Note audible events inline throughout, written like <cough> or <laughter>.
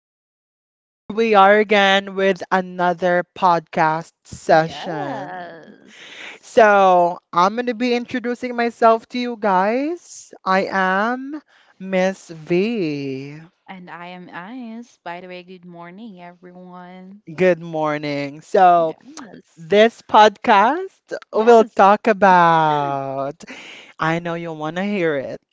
everyone. Here we are again with another podcast Yes. session. So, I'm going to be introducing myself to you guys. I am Miss V. And I am Ice. By the way, good morning, everyone. Good morning. So, Yes. this podcast will Yes. talk about I know you want to hear it.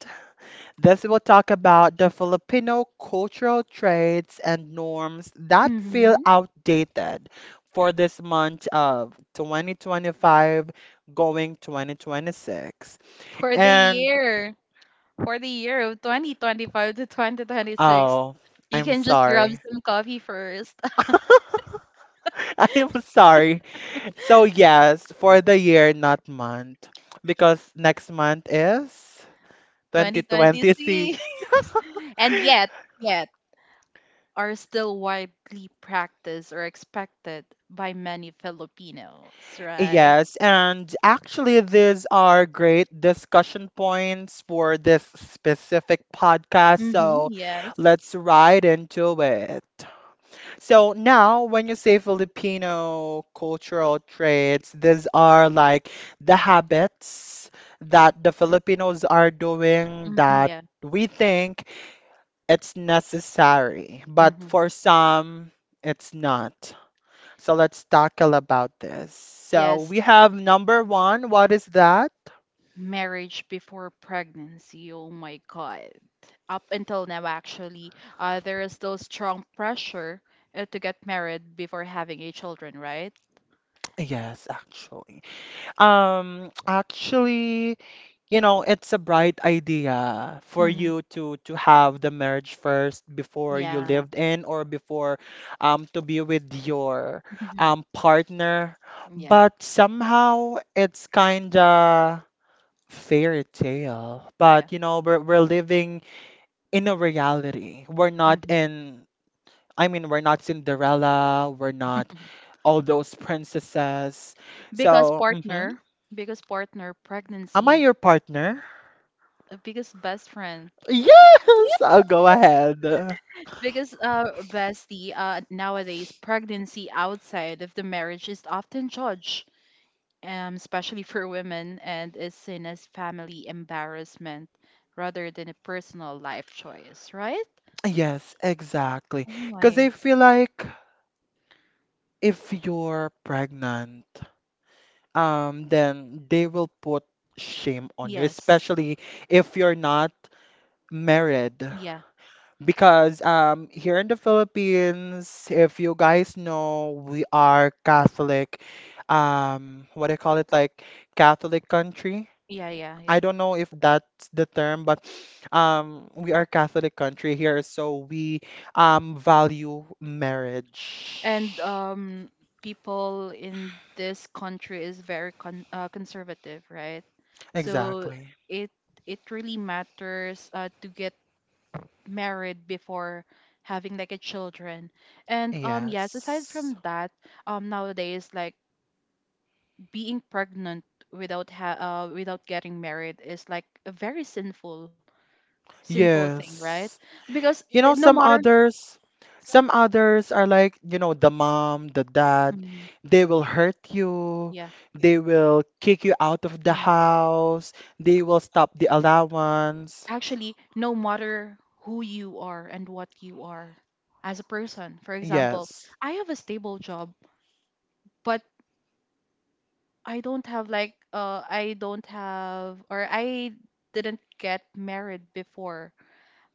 This will talk about the Filipino cultural traits and norms that feel Mm-hmm. outdated for this month of 2025 going 2026. For the And year, for the year of 2025 to 2026, oh, you I'm can just grab sorry. some coffee first. <laughs> <laughs> I'm sorry. So yes, for the year, not month, because next month is 2026. 2026. <laughs> <laughs> And yet, yet, are still widely practiced or expected by many Filipinos, right? Yes, and actually, these are great discussion points for this specific podcast. Mm-hmm. So Yes. let's right into it. So, now when you say Filipino cultural traits, these are like the habits that the Filipinos are doing Mm-hmm. that Yeah. we think it's necessary, but Mm-hmm. for some, it's not. So let's tackle about this. So Yes, we have number one. What is that? marriage before pregnancy. Oh my God. Up until now, actually, there is still strong pressure to get married before having a children, right? Yes, actually. Um, actually, you know, it's a bright idea for Mm-hmm. you to have the marriage first before you Yeah. lived in or before to be with your Mhm. Partner. Yeah. But somehow it's kind of fairy tale. Yeah. But you know, we're living in a reality. We're not Mhm. in I mean, we're not Cinderella, we're not <laughs> all those princesses. Because So, mhm. partner, because partner, Am I pregnancy, your partner? Because best friend, Yes, <laughs> I'll go ahead. because bestie, nowadays, pregnancy outside of the marriage is often judged, especially for women, and is seen as family embarrassment rather than a personal life choice, right? Yes, exactly. Oh Because I my. feel like if you're pregnant, then they will put shame on you, Yes. especially if you're not married. Yeah. Because here in the Philippines, if you guys know, we are Catholic. What do you call it? Like Catholic country. Yeah. Yeah. I Yeah. don't know if that's the term, but we are Catholic country here, so we value And marriage. um, people in this country is very conservative, right? So Exactly. it it really matters to get married before having like a children. And um, yes, aside Yes. from that, um, nowadays, like being pregnant without getting married is like a very sinful thing, right? Yes. Because You know, no matter. Some others are like, you know, the mom, the dad, they will hurt you, Yeah. they will kick you out of the Mm. house, they will stop the allowance. Actually, no matter who you are and what you are as a person. For example, Yes. I have a stable job, but I don't have like I don't have or I didn't get married before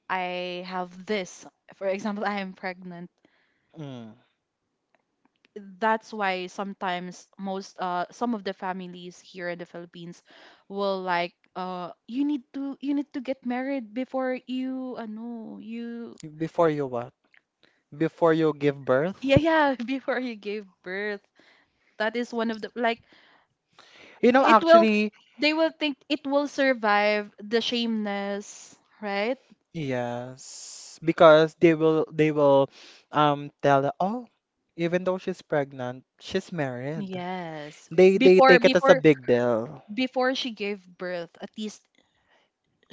I have this. For example, <laughs> I am pregnant. Mm. That's why sometimes most some of the families here in the Philippines will, like, you need to, you need to get married before you no you. Before you what? Before you give birth? Yeah, yeah. <laughs> Before you gave birth, that is one of the like, You know, it will, actually, they will think it will survive the shameness, right? yes, because they will tell her, oh, even though she's pregnant, she's married. Yes, They before take it as a before big deal. <laughs> before she gave birth, at least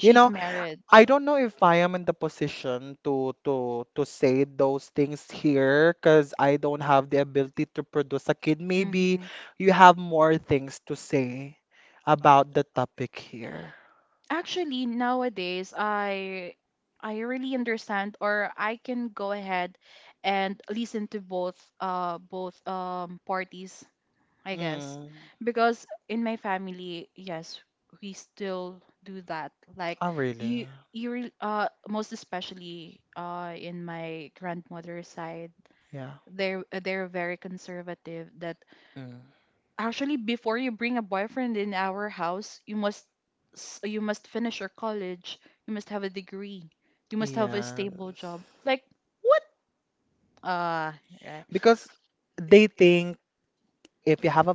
You know, married. I don't know if I am in the position to to say those things here because I don't have the ability to produce a kid. Maybe you have more things to say about the topic here. Actually, nowadays, I really understand or I can go ahead and listen to both both um, parties, I guess. Mm. Because in my family, yes, we still do that. Like Oh, really? you, most especially uh, in my grandmother's side, Yeah. they're very conservative that. Mm. Actually, before you bring a boyfriend in our house, you must you must finish your college. You must have a degree. You must have a stable Yes. job. Like, what? Uh, right. Because they think if you have a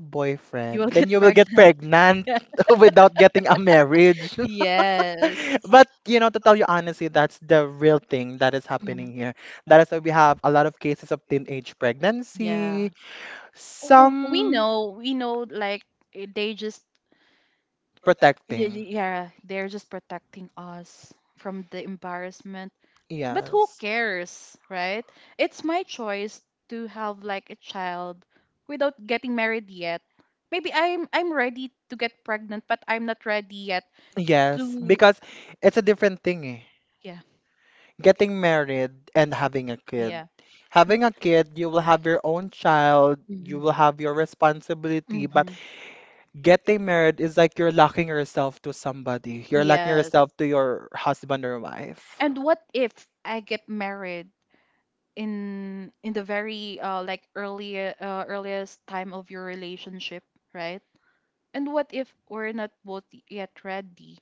You will boyfriend, then get <laughs> you will get pregnant. pregnant <laughs> <laughs> without getting a marriage. Yes. <laughs> But you know, to tell you honestly, that's the real thing that is happening Mhm. here. That is why we have a lot of cases of teenage Yeah. pregnancy, w- we some know we know like, eh, they just. Yeah, protecting. Yeah, they're just protecting us from the embarrassment. But who Yes. cares, right? It's my choice to have like a child without getting married yet. Maybe I'm ready to get pregnant, but I'm not ready yet to. Yes, because it's a different thing. Eh. Yeah, Getting married and having a kid. yeah. Having a kid, you will have your own child, you Mm-hmm. will have your responsibility, but Mm-hmm. getting married is like you're locking yourself to somebody. You're locking Yes. yourself to your husband or wife. And what if I get married? In the very like early earliest time of your relationship, right? And what if we're not both yet ready?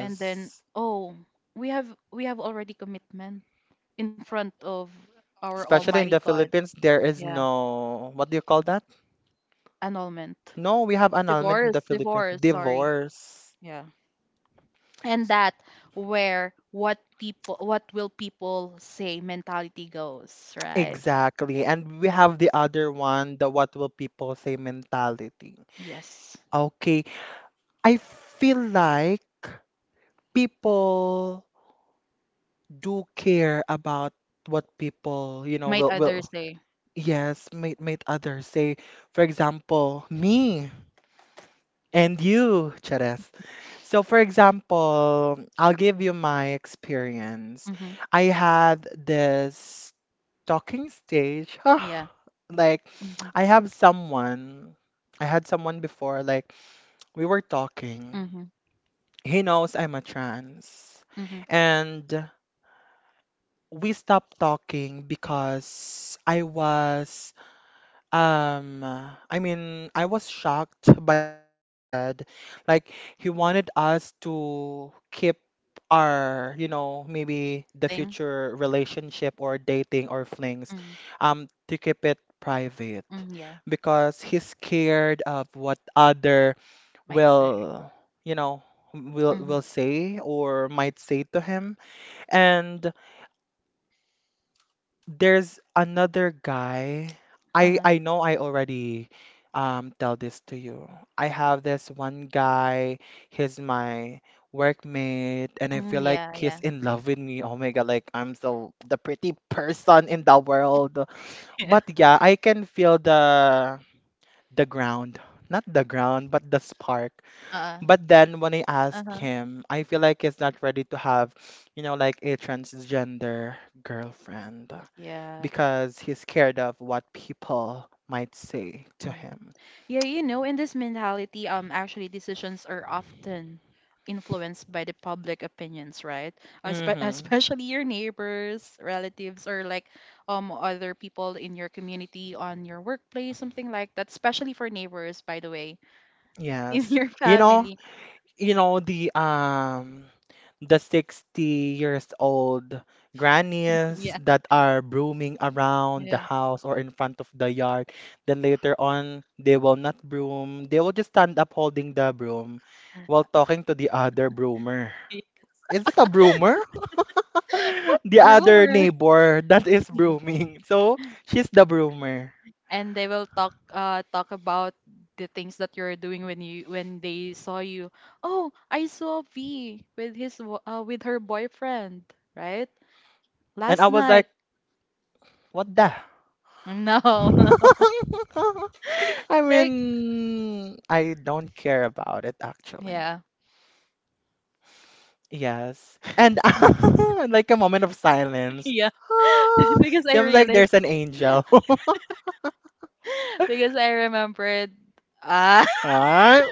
And then, oh, we have already commitment in front of our Especially almighty in the God. Philippines, there is Yeah, no, what do you call that? annulment. No, we have annulment in the Divorce, Philippines. divorce, sorry. Divorce. Yeah. And that, where what people, what will people say mentality goes, right? Exactly. And we have the other one, the what will people say mentality. Yes, Okay, I feel like people do care about what people, you know, might will others will say. yes, made others say, for example, me and you, Cheres. So for example, I'll give you my experience. Mm-hmm. I had this talking stage. <sighs> Yeah. Like Mm-hmm. I have someone, I had someone before, like we were talking. Mm-hmm. He knows I'm a trans. Mm-hmm. And we stopped talking because I was, I mean, I was shocked by what he said. Like, he wanted us to keep our, you know, maybe the Thing. future relationship or dating or flings, Mm-hmm. To keep it private Mm-hmm, yeah. because he's scared of what other Might say. will, you know, will Mm-hmm. will say or might say to him. And there's another guy. I Uh-huh. I know I already tell this to you. I have this one guy. He's my workmate, and I Mm, feel like yeah. he's Yeah. in <laughs> love with me. Oh my God, like I'm so the pretty person in the world. Yeah. But yeah, I can feel the ground. Not the ground, but the spark. Uh. But then when I Uh asked huh. him, I feel like he's not ready to have, you know, like a transgender girlfriend Yeah. because he's scared of what people might say to Mm. him. Yeah, you know, in this mentality, actually, decisions are often influenced by the public opinions, right? Espe- <laughs> Mm-hmm. Especially your neighbors, relatives, or like um, other people in your community, on your workplace, something like that. Especially for neighbors, by the way, <laughs> in Yes. your You know, family. you know the 60 years old <laughs> grannies Yeah, that are brooming around the yeah. house or in front of the yard. Then later on, they will not broom. They will just stand up holding the broom while talking to <laughs> the other broomer. Is it a broomer? <laughs> The other Rumor. neighbor that is brooming. So she's the broomer. And they will talk about the things that you're doing when you, when they saw you. Oh, I saw V with with her boyfriend, right? And I Last was night. like, what the? No. <laughs> <laughs> I Like, mean, I don't care about it actually. yeah. Yes. And <laughs> like a moment of <laughs> silence. Yeah. Ah, <laughs> Because I seems like there's realized. an angel. <laughs> <laughs> Because I remembered, ah. Ah, <laughs>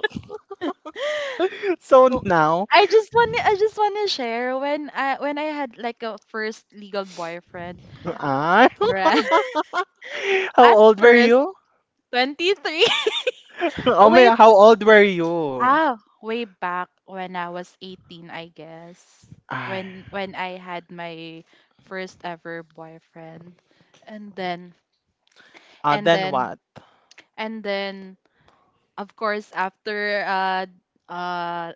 so Oh, now, I just want to share when I, when I had like a first legal boyfriend, ah, right? <laughs> <laughs> how At old were first, you? 23. <laughs> Oh, Oh way, my, how old were you? ah, way back when I was 18, I guess. Ah, When I had my first ever boyfriend. And then, ah, and then then what? and then of course after uh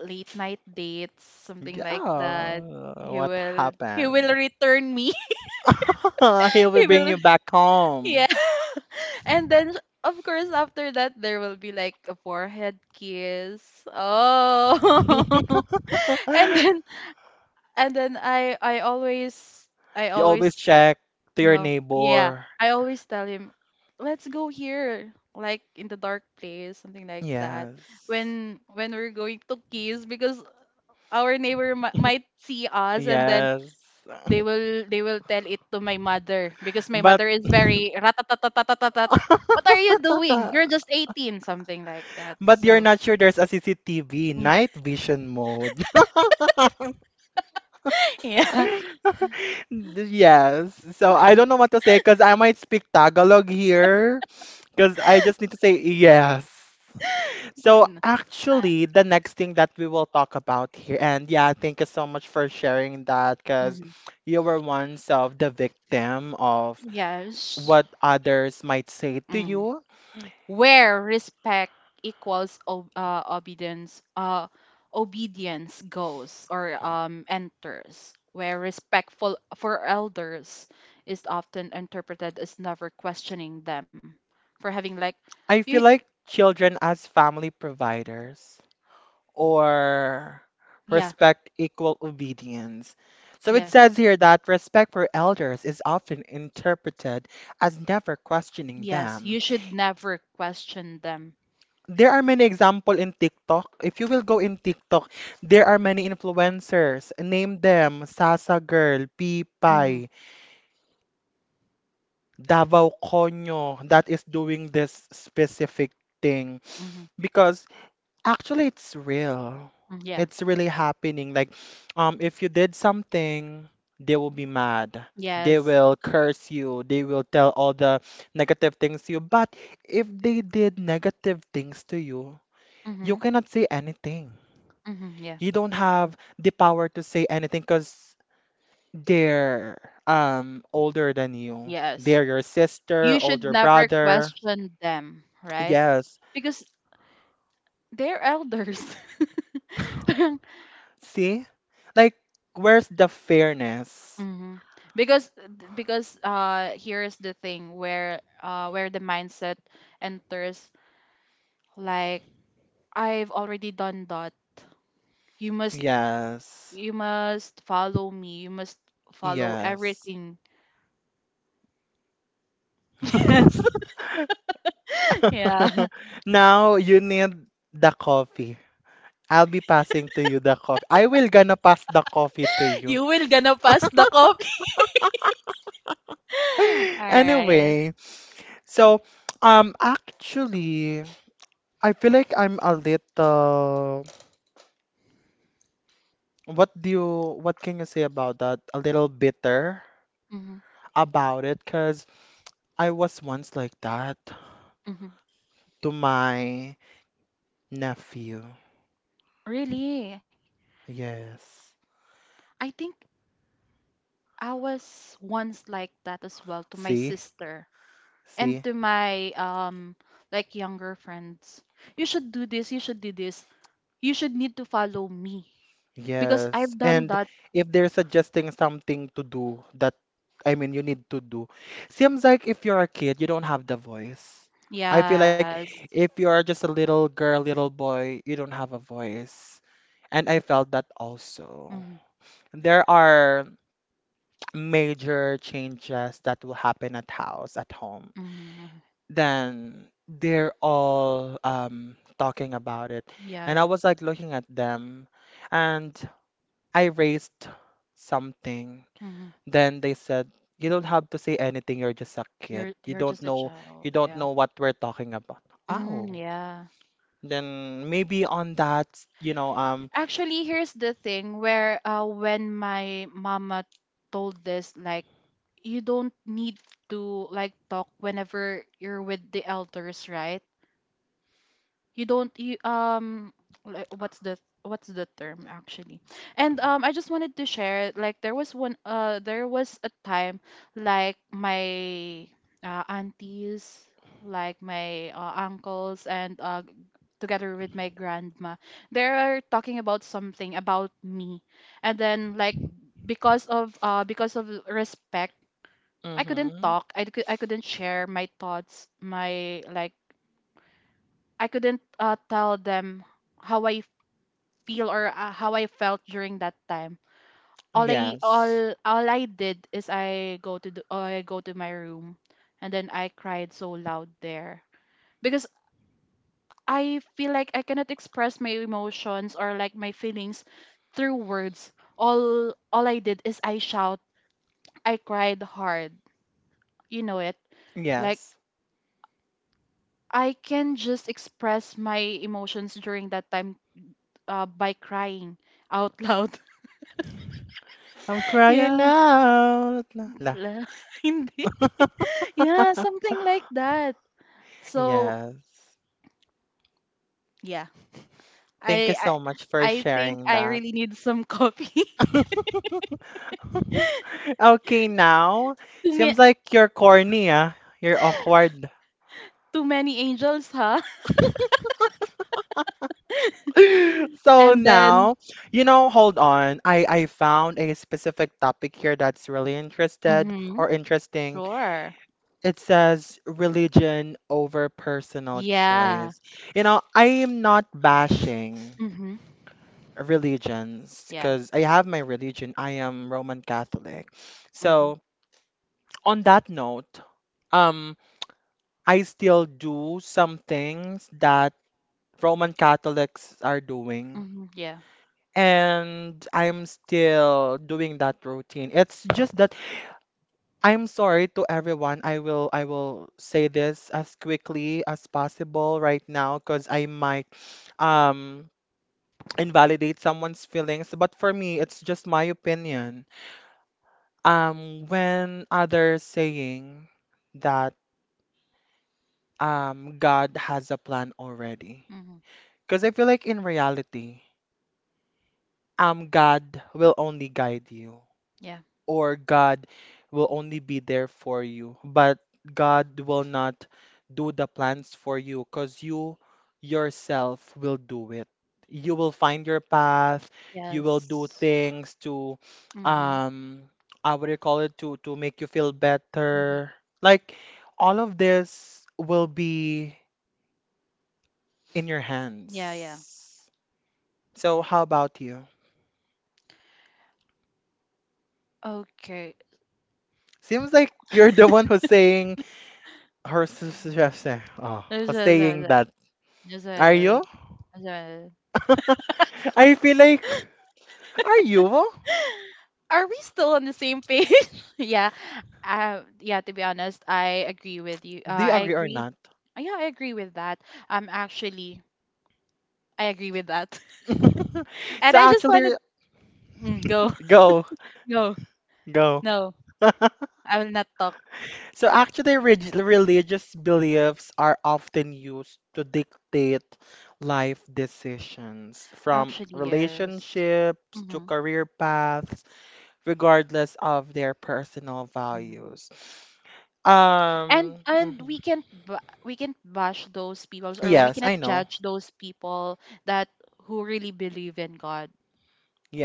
late night dates, something like that, Yeah, he what will he happened? will return me. <laughs> He <laughs> will He bring <laughs> will, you back home. yeah. <laughs> And then of course after that, there will be like a forehead kiss. Oh. <laughs> And then, <laughs> and then I I always I You always always check to your no, yeah, neighbor. I always tell him, let's go here like in the dark place, something like that, Yes. when we're going to kiss because our might see <laughs> us. And then Yes. they <laughs> will they will tell it to my mother because my But mother is very ratatatatatatatat. What are you doing? You're <laughs> just 18, something like that. But you're So, not sure there's a CCTV night <laughs> vision mode. yeah. <laughs> Yes. So I don't know what to say because I might speak Tagalog here because I just need to say yes. So And, actually, the next thing that we will talk about here, and yeah, thank you so much for sharing that because uh, you were once of the victim of yes. what others might say to Mm. you. Where respect equals obedience, obedience goes or enters. Where respectful for elders is often interpreted as never questioning them for having like I you, feel like children as family providers or yeah, respect equal obedience. So it yes, says here that respect for elders is often interpreted as never questioning yes. them. You should never question them. There are many example in TikTok. If you will go in TikTok, there are many influencers. Name them Sasa Girl, Mm-hmm. Pipay, Davao Konyo that is doing this specific thing Mm-hmm. because actually it's real. Mm, yeah. It's really happening. Like, if you did something, they will be mad. They Yes. will curse you. They will tell all the negative things to you. But if they did negative things to you, you Mm-hmm. cannot say anything. Mm-hmm. Yeah. You don't have the power to say anything because they're older than you. Yes. They're your sister, You should older never brother. question them, right? Yes. Because they're elders. <laughs> See? Like, where's the fairness? Hmm. Because because uh, here's the thing where uh, where the mindset enters, like, I've already done that. You must, Yes. you must follow me. You must follow Yes. everything. <laughs> Yes. <laughs> <laughs> Yeah. Now you need the coffee. I'll be passing to you the coffee. I will gonna pass the coffee to you. You will gonna pass <laughs> the coffee. <laughs> Alright. Anyway, so, um, actually, I feel like I'm a little, what do you, what can you say about that? A little bitter Hmm. about it, because I was once like that Hmm. to my nephew. Really? Yes. I think I was once like that as well to my See? sister and See? to my um, like younger friends. You should do this, you should do this. You should need to follow me because Yes, I've done and that. if they're suggesting something to do that, I mean, you need to do, seems like if you're a kid, you don't have the voice. I feel like Yes. if you are just a little girl, little boy, you don't have a voice. And I felt that also. Mm-hmm. There are <tsk> major changes that will happen at house, at home. Hmm. Then they're all talking about it. Yeah, And yeah. I was like looking at them. And I raised something. Mm-hmm. Then they said, "You don't have to say anything. You're just a kid. You're You you're don't just a know. You child, don't yeah. know what we're talking about." Mm, Oh, yeah. then maybe on that, you know, Actually, here's the thing where when my mama told this, like, you don't need to like talk whenever you're with the elders, right? You don't, you um, like what's the what's the term actually. And um, I just wanted to share, like, there was one, there was a time, like my aunties, like my uncles and uh, together with my grandma, they're talking about something about me. And then, like, because of, because of respect, I couldn't hmm talk I, cou- I couldn't share my thoughts, my, like, I couldn't tell them how I feel or how I felt during that time. Yes, All I did is I go to the, I go to my room, and then I cried so loud there because I feel like I cannot express my emotions or like my feelings through words. All I did is I shout. I cried hard. You know it, like, yes. yes. I can just express my emotions during that time by crying out <laughs> loud. I'm crying Yeah. out. La, la. La- <laughs> Hindi. Yeah, <laughs> something like that. So, Yes. yeah. Thank you I so much for I think sharing I that. really need some coffee. <laughs> Okay, now <laughs> Too, ma- seems like you're corny, ah. You're awkward. too many angels, huh? <laughs> <laughs> So And then, now, you know, hold on. I found a specific topic here that's really interested mhm. or interesting. Sure. It says religion over personal Yeah. choice. You know, I am not bashing Mhm. religions Yeah. because I have my religion. I am Roman Catholic. Mhm. So on that note, um, I still do some things that Roman Catholics are doing. Mhm. Yeah. And I'm still doing that routine. It's just that I'm sorry to everyone. I will say this as quickly as possible right now because I might um invalidate someone's feelings. But for me, it's just my opinion. When others saying that God has a plan already. Mhm. Because I feel like in reality, God will only guide you. Yeah. Or God will only be there for you, but God will not do the plans for you because you yourself will do it. You will find your path, you will do Yes. things to Mhm. um what do you call it to make you feel Mhm. better. Like all of this will be in your Yeah, yeah. hands. So how about you? Seems like you're the one who's saying her Okay. <laughs> Oh, There's who's a, there's saying a, that. there's Are a, you? there's a- <laughs> I feel like, are you? <laughs> Are we still on the same page? <laughs> Yeah. Yeah, to be honest, I agree with you. Do you I agree or agree. not? Yeah, I agree with that. Actually, I agree with that. <laughs> <laughs> And So I just actually, wanted. Mm, go. go, <laughs> Go. go. No, <laughs> I will not talk. So actually, religious beliefs are often used to dictate life decisions, from Actually, yes. relationships to Mm-hmm. career paths, regardless of their personal Mm-hmm. values. and Um, and we mhm. can't we can't bash those people, or we Yes, cannot I know. judge those people that, who really believe in god.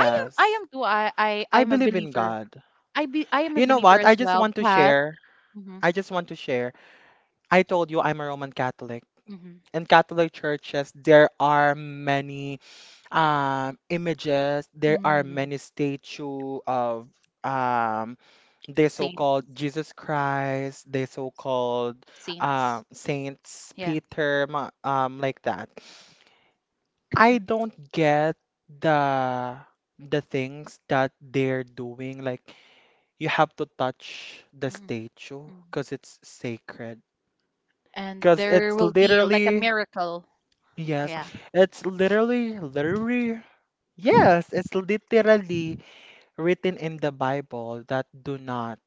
i am i am too i, I I I'm a believe in believer. God. I am a You know believer what? as I just well, want to but share. hmm. I just want to share. I told you I'm a Roman Catholic. Hmm. In Catholic churches, there are many images, there are Mm. many statue of um, the saints so-called Jesus Christ, the so-called saints Saints Yeah. Peter, like that. I <laughs> don't get the the things that they're doing, like you have to touch the Mhm, statue mhm. because it's sacred. And Because there it's will be like a literally, miracle. yes, Yeah. it's literally, yes, it's literally written in the Bible that do not,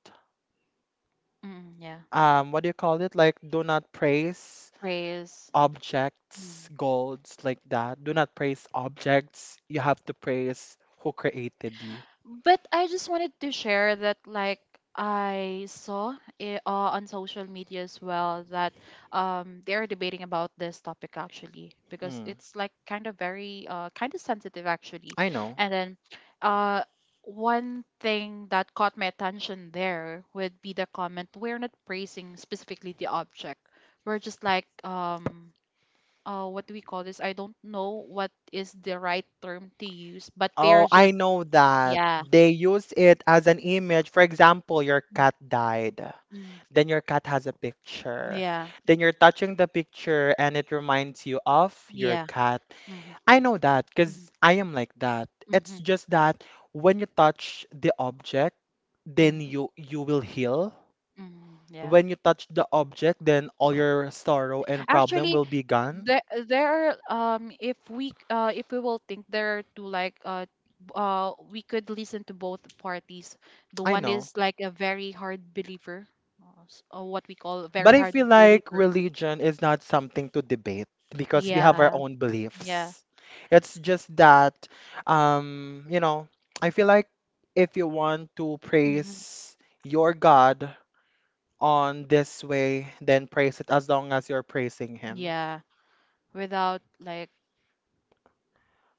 Mm, yeah. What do you call it? Like, do not praise Praise. objects, Mm. golds, like that. Do not praise objects. You have to praise who created you. But I just wanted to share that, like, I saw it, on social media as well, that um, they are debating about this topic actually, because Mm, it's like kind of very, uh, kind of sensitive actually. I know. And then, uh, one thing that caught my attention there would be the comment, we're not praising specifically the object, we're just like um, uh, what do we call this? I don't know what is the right term to use, but Oh, they're I just. know that. Yeah. They use it as an image. For example, your cat died. Mm. Then your cat has a picture. Yeah. Then you're touching the picture and it reminds you of your Yeah. cat. Mhm. I know that Mhm. because I am like that. It's Mhm. just that when you touch the object, Mm. then you will heal. Mhm. Yeah. When you touch the object, then all your sorrow and problem Actually, will be gone. there there are um, if we uh, if we will think, there are two, like uh, uh, we could listen to both parties. The I one know. is like a very hard believer, what we call a very But I hard feel like believer. religion is not something to debate because we have our Yeah, own yeah, beliefs. It's just that, you know, I feel like if you want to hmm, praise your God on this way, then praise it as long as you're praising Him. yeah, without like,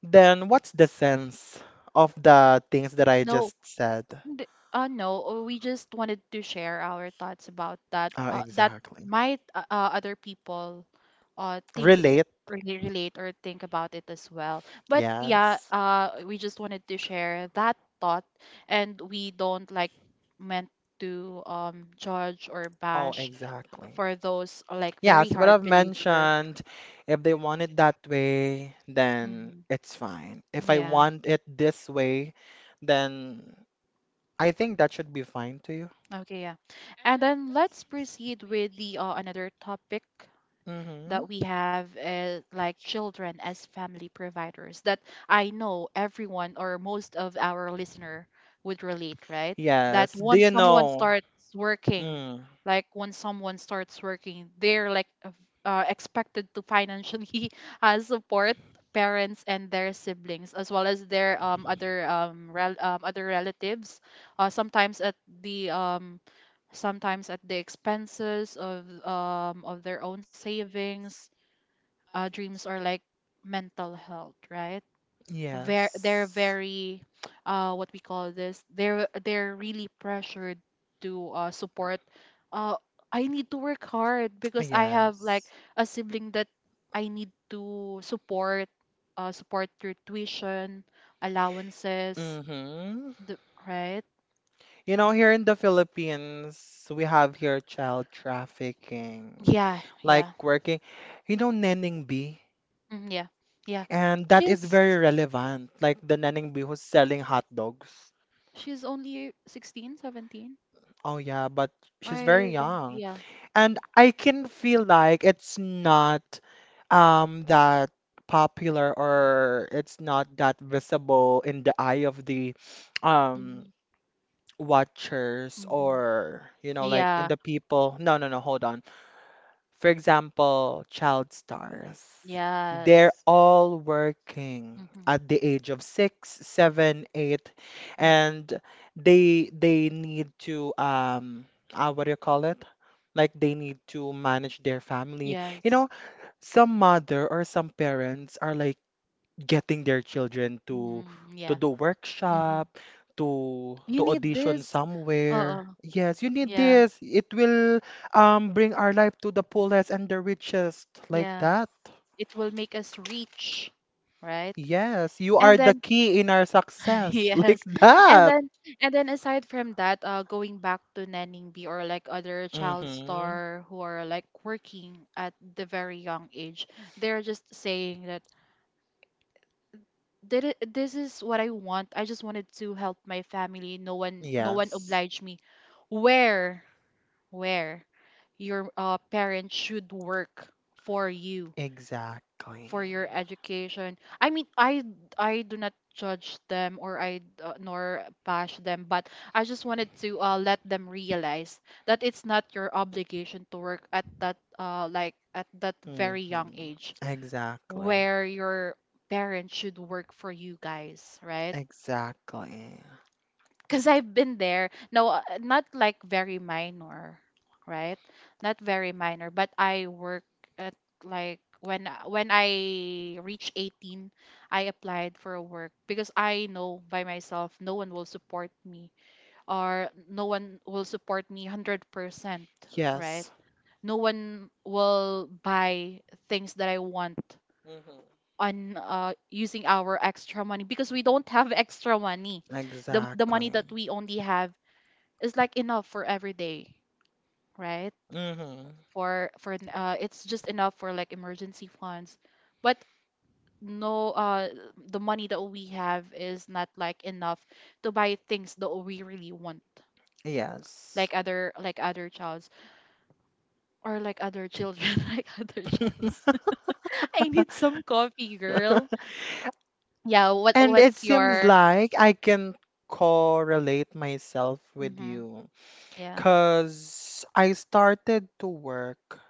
Then what's the sense of the things that I no. just said? N- no, we just wanted to share our thoughts about that. Oh, That exactly. might other people uh, think i- Relate, really relate or think about it as well. But yeah, yes. We just wanted to share that thought, and we don't like meant to judge or Oh, bash exactly. for those like Yeah, very so what hard I've believer. mentioned, if they want it that way, then Hmm. it's fine. If I Yeah. want it this way, then I think that should be fine to you. Okay, yeah. And then let's proceed with the another topic Mm-hmm. that we have like children as family providers that I know everyone or most of our listener would relate, right? That Yes. Do once you someone know? starts working, Mm. like once someone starts working, they're expected to financially <laughs> support parents and their siblings as well as their other other relatives, uh, sometimes at the um sometimes at the expenses of their own savings, dreams, are like mental health, right? They're Yes. very <tsk> what we call this they're really pressured to support. uh I need to work hard because I have like Yes. a sibling that I need to support, support their tuition, allowances, Mm-hmm. the, right? You know, here in the Philippines, we have here child trafficking, Yeah, like yeah. working, you know, Neneng B, Yeah, yeah, and that is she's very relevant, like the Neneng B who's selling hot dogs. she's only 16, 17. Oh yeah, but she's very I don't, young, yeah. and I can feel like it's not that popular or it's not that visible in the eye of the um hmm watchers hmm or, you know, like in Yeah, the people. No, no, no, hold on. For example, child stars. They're yes. all working hmm at the age of six, seven, eight, Yeah, and they need to what do you call it? Like, they need to manage their family. yes. You know, some mother or some parents are like getting their children to Mm, yeah. do hmm workshop, to You need audition this. Uh-uh. somewhere. Yes, you need Yeah, this. It will bring our life to the fullest and the richest, like yeah. that. It will make us rich, right? Yes, you And are the then key in our <laughs> success <laughs> like yes. And that. then and then aside from that, going back to Nanning B or like other child Mm-hmm. star who are like working at the very young age, they're just saying that did it, this is what I want. I just wanted to help my family. No one Yes. obliged me. Where? Where your parents should work for you, Exactly. for your education. I mean, I do not judge them or I, nor bash them, but I just wanted to let them realize that it's not your obligation to work at that like at that hmm very young age Exactly. where your parents should work for you guys, right? Exactly. Because I've been there. No, not like very minor, right? Not very minor, but I work at like when I reach 18. I applied for a work because I know by myself no one will support me, or no one will support me 100%, right? Yes. No one will buy things that I want Mm-hmm. on, using our extra money, because we don't have <laughs> extra money. The money Exactly. that we only have is like enough for every day, right? Mm-hmm. For It's just enough for like emergency funds, but no the money that we have is not like enough to buy things that we really want, Yes. like other, like other childs, or like other children, <laughs> like other childs. <laughs> <laughs> I need some coffee, girl. Yeah, what And it what's seems your... like I can correlate myself with Mm-hmm, you yeah, because I started to work.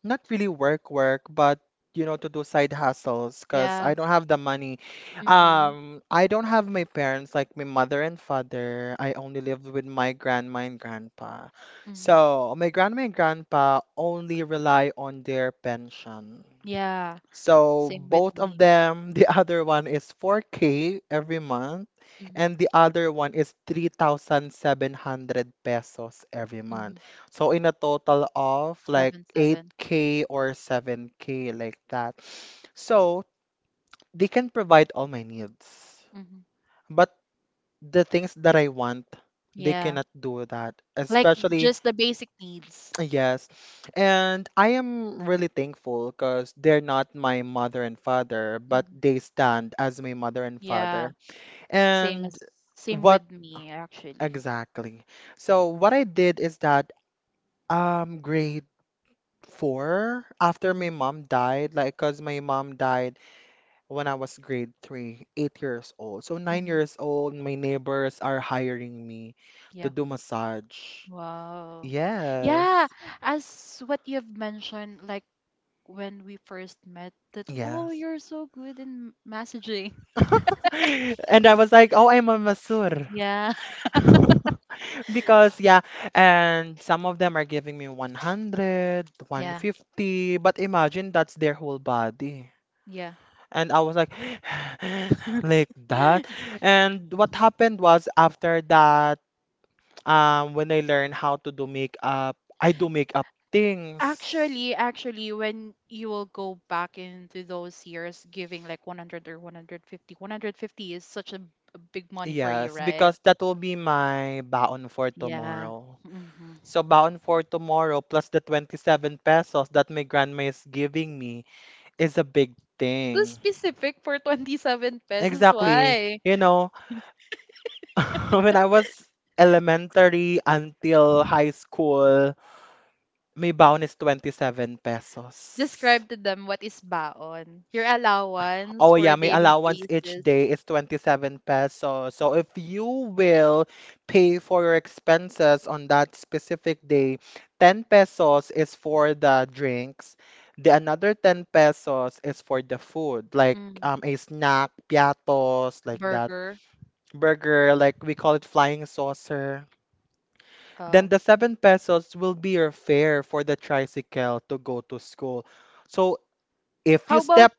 Not really work, but, you know, to do side hustles because I yeah. don't have the money. Mm-hmm, I don't have my parents, like my mother and father. I only live with my grandma and grandpa, mm-hmm. so my grandma and grandpa only rely on their pension. Yeah, So same with both of me. them, <laughs> the other one is 4K every month, Mm-hmm. and the other one is 3,700 pesos every Mm-hmm. month. So in a total of like Seven, seven. 8K or 7K, like that. So they can provide all my needs, Mm-hmm. but the things that I want, they Yeah, cannot do that, like especially. just the basic needs. Yes. And I am really thankful because they're not my mother and father, but Mhm. they stand as my mother and Yeah, father. same And as same what with me actually. exactly? So what I did is that, grade four, after Mm-hmm. my mom died, like because my mom died when I was grade three, 8 years old. So nine Mm-hmm. years old, my neighbors are hiring me to Yeah. do massage. Wow. Yes. Yeah, as what you've mentioned, like when we first met, that oh, Yes. you're so good in messaging. <laughs> And I was like, oh, I'm a Masur. <laughs> Yeah, <laughs> Because, yeah, and some of them are giving me 100, yeah, 150, but imagine that's their whole body. yeah. And I was like, <sighs> like that. And what happened was after that, when I learn how to do makeup, I do makeup things. Actually, when you will go back into those years, giving like 100, or 150, 150 is such a big money for you, Yes, right? because that will be my baon for Yeah. tomorrow. Mm-hmm. So baon for tomorrow plus the 27 pesos that my grandma is giving me is a big Too thing. specific for 27 pesos, Exactly. why? You know, <laughs> when I was elementary until high school, May bound is 27 pesos. Describe to them what is baon, your allowance Oh for a yeah, my daily allowance each basis. day is 27 pesos. So if you will pay for your expenses on that specific day, 10 pesos is for the drinks. The another 10 pesos is for the food, like, Mm. A snack, piatos, like that. Burger. Burger, like we call it flying saucer. Uh, Then the 7 pesos will be your fare for the tricycle to go to school. So if you how about, step,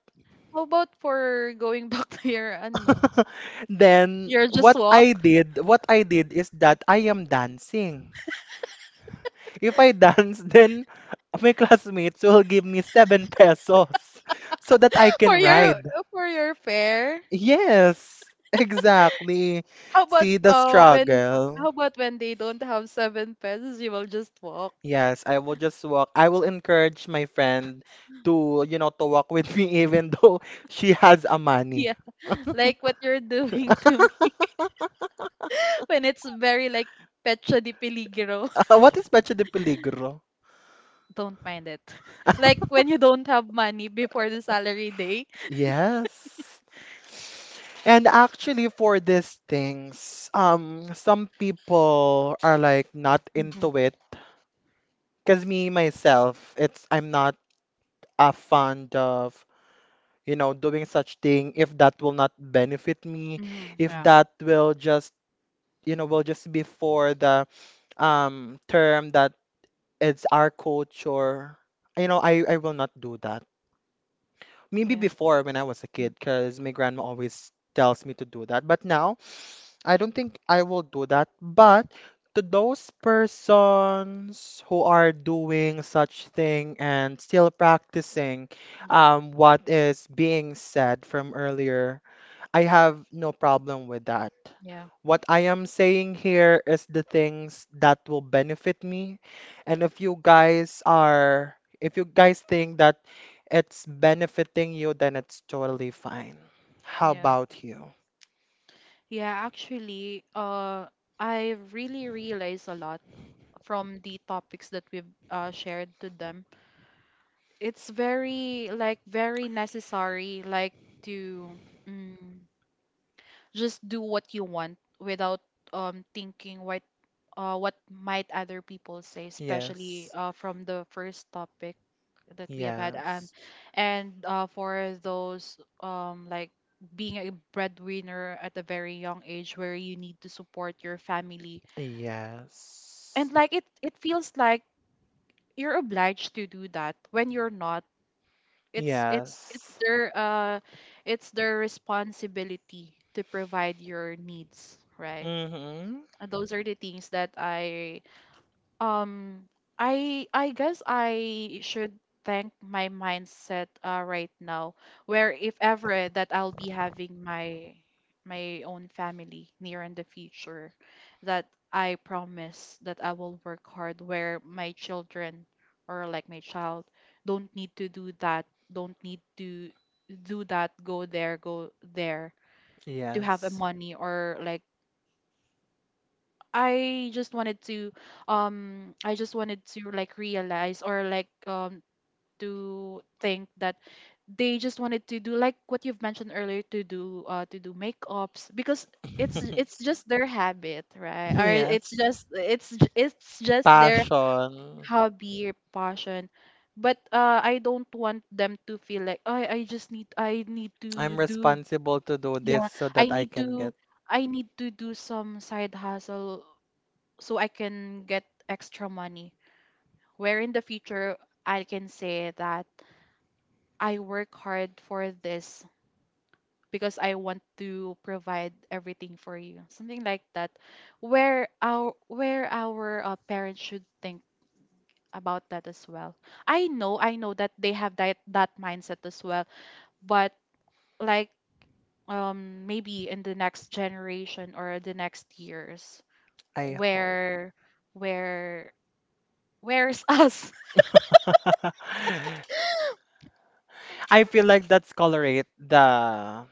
how about for going back <laughs> to your ano? <laughs> then Your just what walk? I did what I did is that I am dancing. If I dance, <laughs> then my classmates will give me 7 pesos <laughs> so that I <laughs> For can your, ride. for your fare. Yes, <laughs> exactly. How about See the when struggle. how about when they don't have seven pesos, you will just walk. Yes, I will just walk. I will encourage my friend to, you know, to walk with <laughs> me, even though she has a <laughs> money. Yeah, like what you're doing to me <laughs> when it's very like pecha di peligro. <laughs> <laughs> what is Pecho de Peligro? Don't mind it. <laughs> <laughs> Like when you don't have money before the salary day. Yes. And actually, for these things, some people are like not Mhm. into it. Cause me myself, it's I'm not a fond of, you know, doing such thing if that will not benefit me, Mhm. if Yeah. that will just, you know, will just be for the term that it's our culture. You know, I will not do that. Maybe Yeah. before when I was a Mm. kid, cause my grandma always tells me to do that. But now, I don't think I will do that, but to those persons who are doing such thing and still practicing, Yeah. What is being said from earlier, I have no problem with that. Yeah. What I am saying here is the things that will benefit me. And if you guys are, if you guys think that it's benefiting you, then it's totally fine. How Yeah. about you? Yeah, actually, I really realized a lot from the topics that we've shared to them. It's very, like, very necessary, like, to mm, just do what you want without thinking what might other people say, especially Yes. From the first topic that we have had, Yes. and for those like being a breadwinner at a very young age where you need to support your family, and Yes. like it feels like you're obliged to do that when you're not. it's it's it's Yes. their uh it's their responsibility to provide your needs, right? Mm-hmm. And those are the things that I, um I guess I should thank my mindset, right now, where if ever that I'll be having my my own family near in the future, that I promise that I will work hard where my children, or like my child, don't need to do that, don't need to do that, go there, go there, to have a Yes. money. Or like, I just wanted to, I just wanted to like realize, or like, to think that they just wanted to do like what you've mentioned earlier, to do, to do makeups, because it's just their <laughs> habit, right? Or it's Yes. just it's it's just their Passion. hobby or passion. But I don't want them to feel like I just need, I need to I'm do... responsible to do this Yeah, so I that I need can to, get. I need to do some side hustle so I can get extra money. Where in the future, I can say that I work hard for this because I want to provide everything for you. Something like that. Where our, where our parents should think about that as well. I know that they have that, that mindset as well, but, like, maybe in the next generation or the next years, I hope. where where, where's us? <laughs> <laughs> I feel like that's colorate the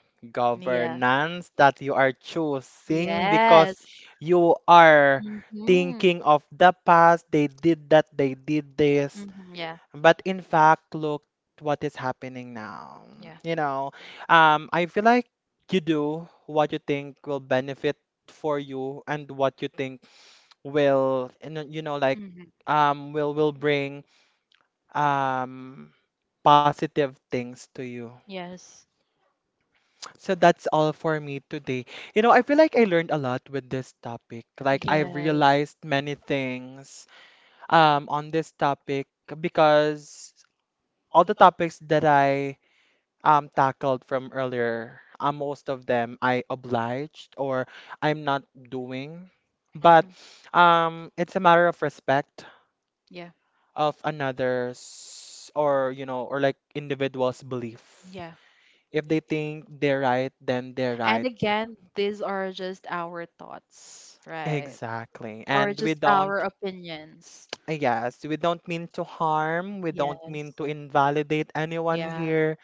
Yeah. governance that you are choosing because Yes. you are Mm-hmm. thinking of the past, they did that, they did this, Mm-hmm. Yeah. but in fact, look what is happening now. Yeah. You know, I feel like you do what you think will benefit for you and what you think will, you know, like, Mm-hmm. Will bring um positive things to you. Yes. So that's all for me today. You know, I feel like I learned a lot with this topic. Like, I Yes. realized many things on this topic because all the topics that I tackled from earlier, most of them I obliged or I'm not doing. But Mm-hmm. It's a matter of respect Yeah. of another's or, you know, or like individual's belief. Yeah. If they think they're right, then they're And right. again, these are just our thoughts, right? Exactly. Or And we just don't, our opinions. I guess, we don't mean to harm, we don't Yes. mean to invalidate anyone Yeah. here.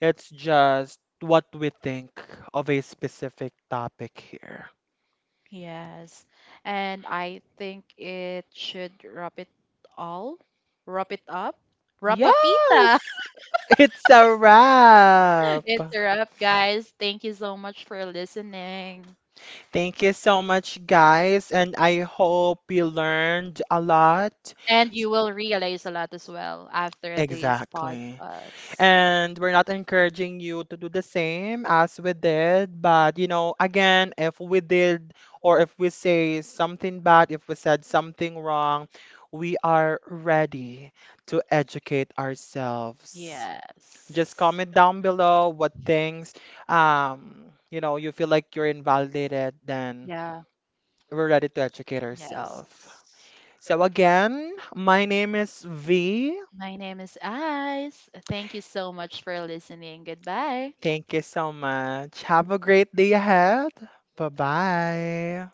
It's just what we think of a specific topic here. Yes. And I think it should wrap it all. Wrap it up. Yes, Rapapita. <laughs> <laughs> it's a wrap. It's a wrap, <laughs> guys. Thank you so much for listening. Thank you so much, guys, and I hope you learned a lot. And you will realize a lot as well after this Exactly. podcast. And we're not encouraging you to do the same as we did, but, you know, again, if we did or if we say something bad, if we said something wrong, we are ready to educate ourselves. Yes. Just comment down below what things, you know, you feel like you're invalidated, then Yeah. we're ready to educate Yes. ourselves. So again, my name is V. My name is Ice. Thank you so much for listening. Goodbye. Thank you so much. Have a great day ahead. Bye bye.